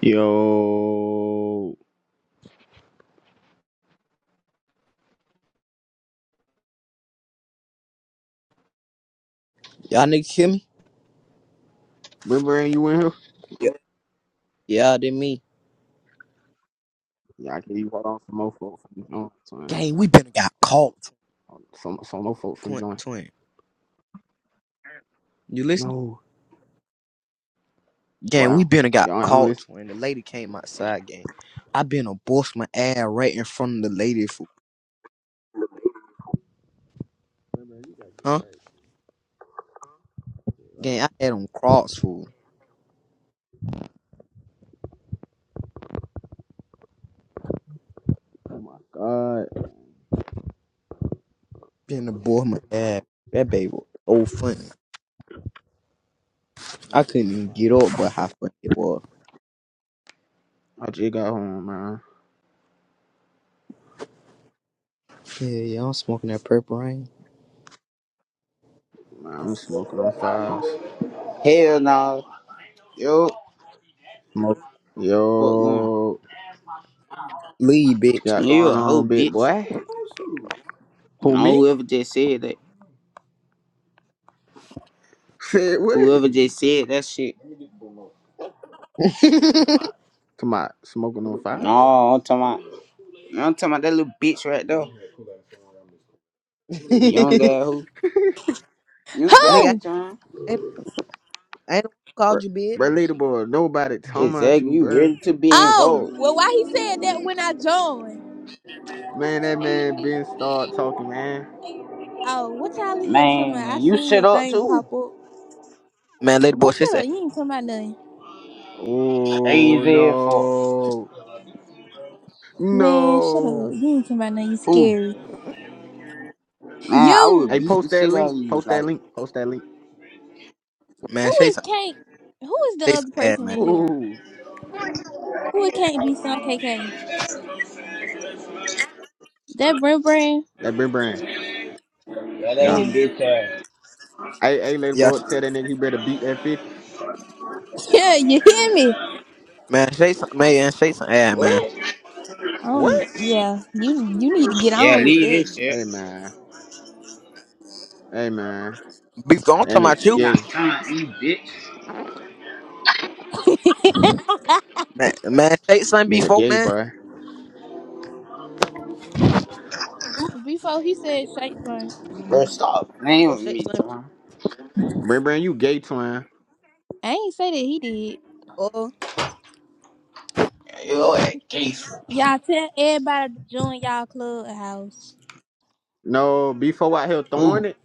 Yo, Y'all niggas hear me? remember you in here? Yeah, yeah they me. Yeah, I can you hold on for more folk from join. son. Gang, we been got caught, Some some more folk from twin. join. twin. You listen? No, Gang, we wow, been got y'all ain't I'm caught, twin. The lady came outside, gang. I been a boss my ass right in front of the lady, fool. Huh? Gang, I had on cross, fool. Oh my god, Been a boss my ass. That baby was so funny. I couldn't even get up, but how funny it was. I just got home, man. Yeah, yeah, I'm smoking that purple rain. Man, I'm smoking on fives. Hell no. Yo, Smoke. fuck on. Yo, Leave, what you bitch. got You going a hoe, on, big bitch. boy? Who No, me? whoever just said that. Said what? Whoever just said that shit. Come on, smoking on fives, No, I'm talking about, no, I'm talking about that little bitch right there. Young guy who. You got Nigga, I Oh, it, John. ain't, I ain't bro. called you, bitch. Bro, boy, nobody talking about Exactly. you, You bro. ready to be oh. involved. Well, why he said that when I joined? Man, that man been start talking, man. Oh, what y'all in here talking Man, about? I you seen shut your up thing too. pop up. Man, lady Boy, boy, shut shit's up. ass. You ain't talking about nothing. Oh Crazy as fuck. no, Man, shut up. no! You ain't talking about nothing. You Who? scary. Man, I would You. Hey, beat the post that shit out of link. you. Post Like, that link. Post that link. Man, Who shit's is can't? Who is the Shake some other ad, person man. in here? Ooh, Who it can't be Son KK? That Brent Brand? that Ben Brand. yeah, that Yeah. hit Oh. bitch ass. Hey, hey, little Yeah, boy, sh- tell that nigga he better beat that fifty. Yeah, you hear me? man. Shake some, man. Shake some ad, man. What? Um, What? yeah, you you need to get Yeah, on with leave that. this shit. Hey man, hey man, Beef. I'm that talking about nigga You you, not gay, coming, you bitch. man. Man, shake some nigga before, gay, man. bruh. Before he said Shakespeare, Bro, stop playing Before with shake me, some. Tom. Ben Brand, you gay twin. I ain't say that he Yo, that case. did. Y'all tell everybody to join y'all clubhouse. No, before I here throwing Who? it,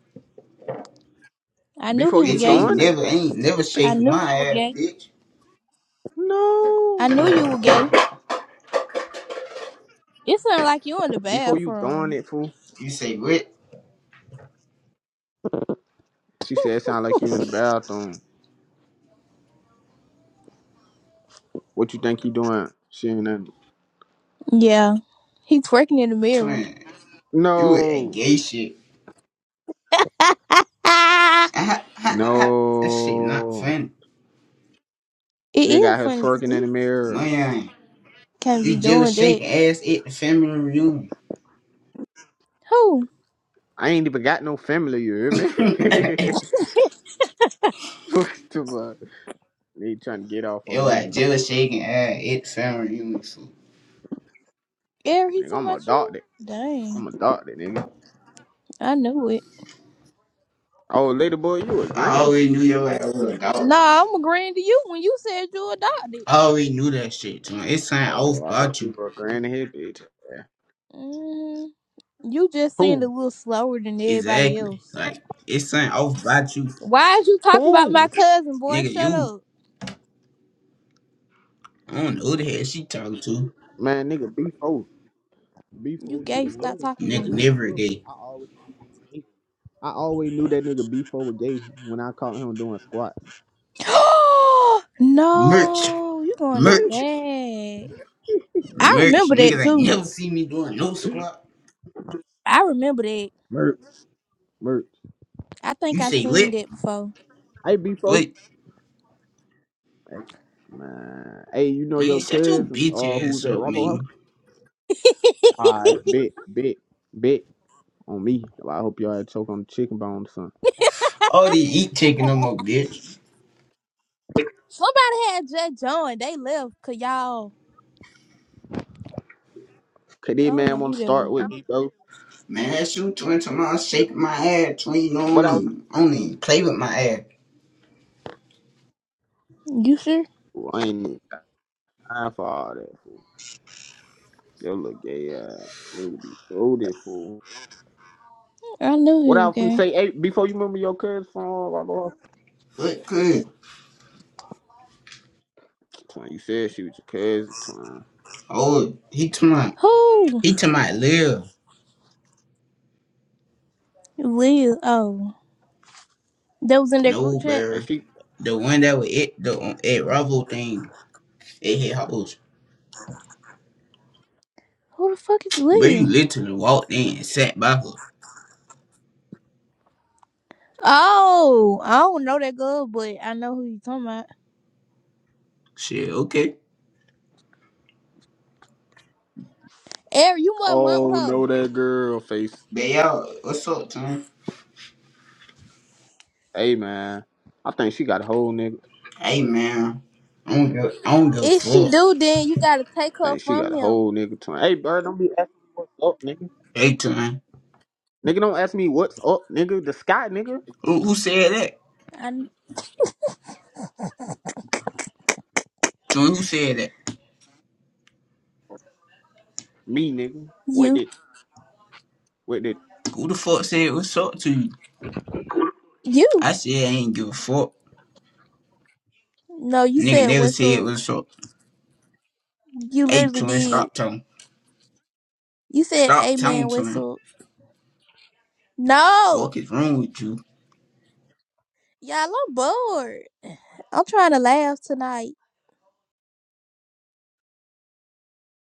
I knew he before was you Bitch gay. ain't throwing it, never ain't never I shaking my knew he was ass, gay. bitch. I no, knew you were gay. It sounded like you in the before you throwing bathroom. it, fool. You say what? She said, "Sound like you in the bathroom. What you think you doing?" She ain't nothing. Yeah. He twerking in the mirror. Twin. You with that No. gay shit. it Ah, ah, ah, ah. that shit not No, funny. nigga out is here funny to twerking in the me. mirror. Man, Can't you be doing just that. shaking ass at the family reunion. Who? I ain't even got no family, you hear me? Fuck the fuck. They trying to get off Yo, on I me. just shaking ass at the family reunion. fool. Eric, he Nigga, talking I'm a about you? doctor. Dang. I'm a doctor, nigga. I knew it. Oh, lady boy, you a I grand? always knew your ass was a dog. Nah, I'm agreeing to you when you said you adopted. I always knew that shit, twin. It's something off Oh, I thought about you. you were a grand in here, bitch. Yeah. Mm, you just seemed a Who? little slower than everybody Exactly. else. Like, it's something off about you. Why is you talking about my Who? cousin, boy? Nigga, Shut you. up. I don't know who the hell she talking to. Man, nigga, B4. B4, You nigga, gay. when we Stop was, talking to when me. Nigga, we was never little, day. I always, knew I always knew that nigga B4 was gay when I caught him doing squats. Merch, no, you going out merch, bad. I merch. remember that Niggas ain't too. never see me doing no squat. I remember that. Merch. Merch. I You think I say seen lit, that before. Hey, B4. lit. Man. Hey, you know Man, your shut your cousin bitch uh who's ass at up, Robo House? man. Alright, bet, bet, bet on me. Well, I hope y'all had choke on the chicken bone or something. All these eat chicken no more, bitch. Somebody had just joined. They left cause y'all. Could I this don't man know wanna who that start was. with me, bro? Man, that's you twin tomorrow shaking my ass, twin. You But don't I, even, don't even play with my ass. You sure? I ain't time for all that fool. Yo look gay uh nigga be loaded fool. I knew What he I was was gonna gay. say, hey, before you remember your cousin from uh, Robo House? What good? Twin, you said she was your cousin, twin. Oh, he to my, Who? he to my live. Lil. Oh, that was in that No, group chat. Hey bear. she The one that was it, the it Ravo thing, it hit hoes. Who the fuck is But you Lil? literally walked in and sat by her. Oh, I don't know that girl, but I know who you talking about. Shit, okay. Eric, you might want oh her. no that girl face. But yo, what's up, Tom? Hey man. I think she got a whole nigga. Hey man, I don't give, I don't give a If she fuck. do, then you gotta take her Think she from got a him. whole nigga time. Hey, bro, don't be asking me what's up, nigga. Hey Tom, Nigga, don't ask me what's up, nigga. The sky, nigga. who, who said that? I Tom, who said that? Me, nigga. you. Wait, it. Wait, it. Who the fuck said what's up to you? You. I said I ain't give a fuck. No, you Nigga said never said whistle. what's up. You Hey literally Tom, did. stop Tom. You said Stop Tom amen Tom. whistle. No. Fuck is wrong with you? Y'all, I'm bored. I'm trying to laugh tonight.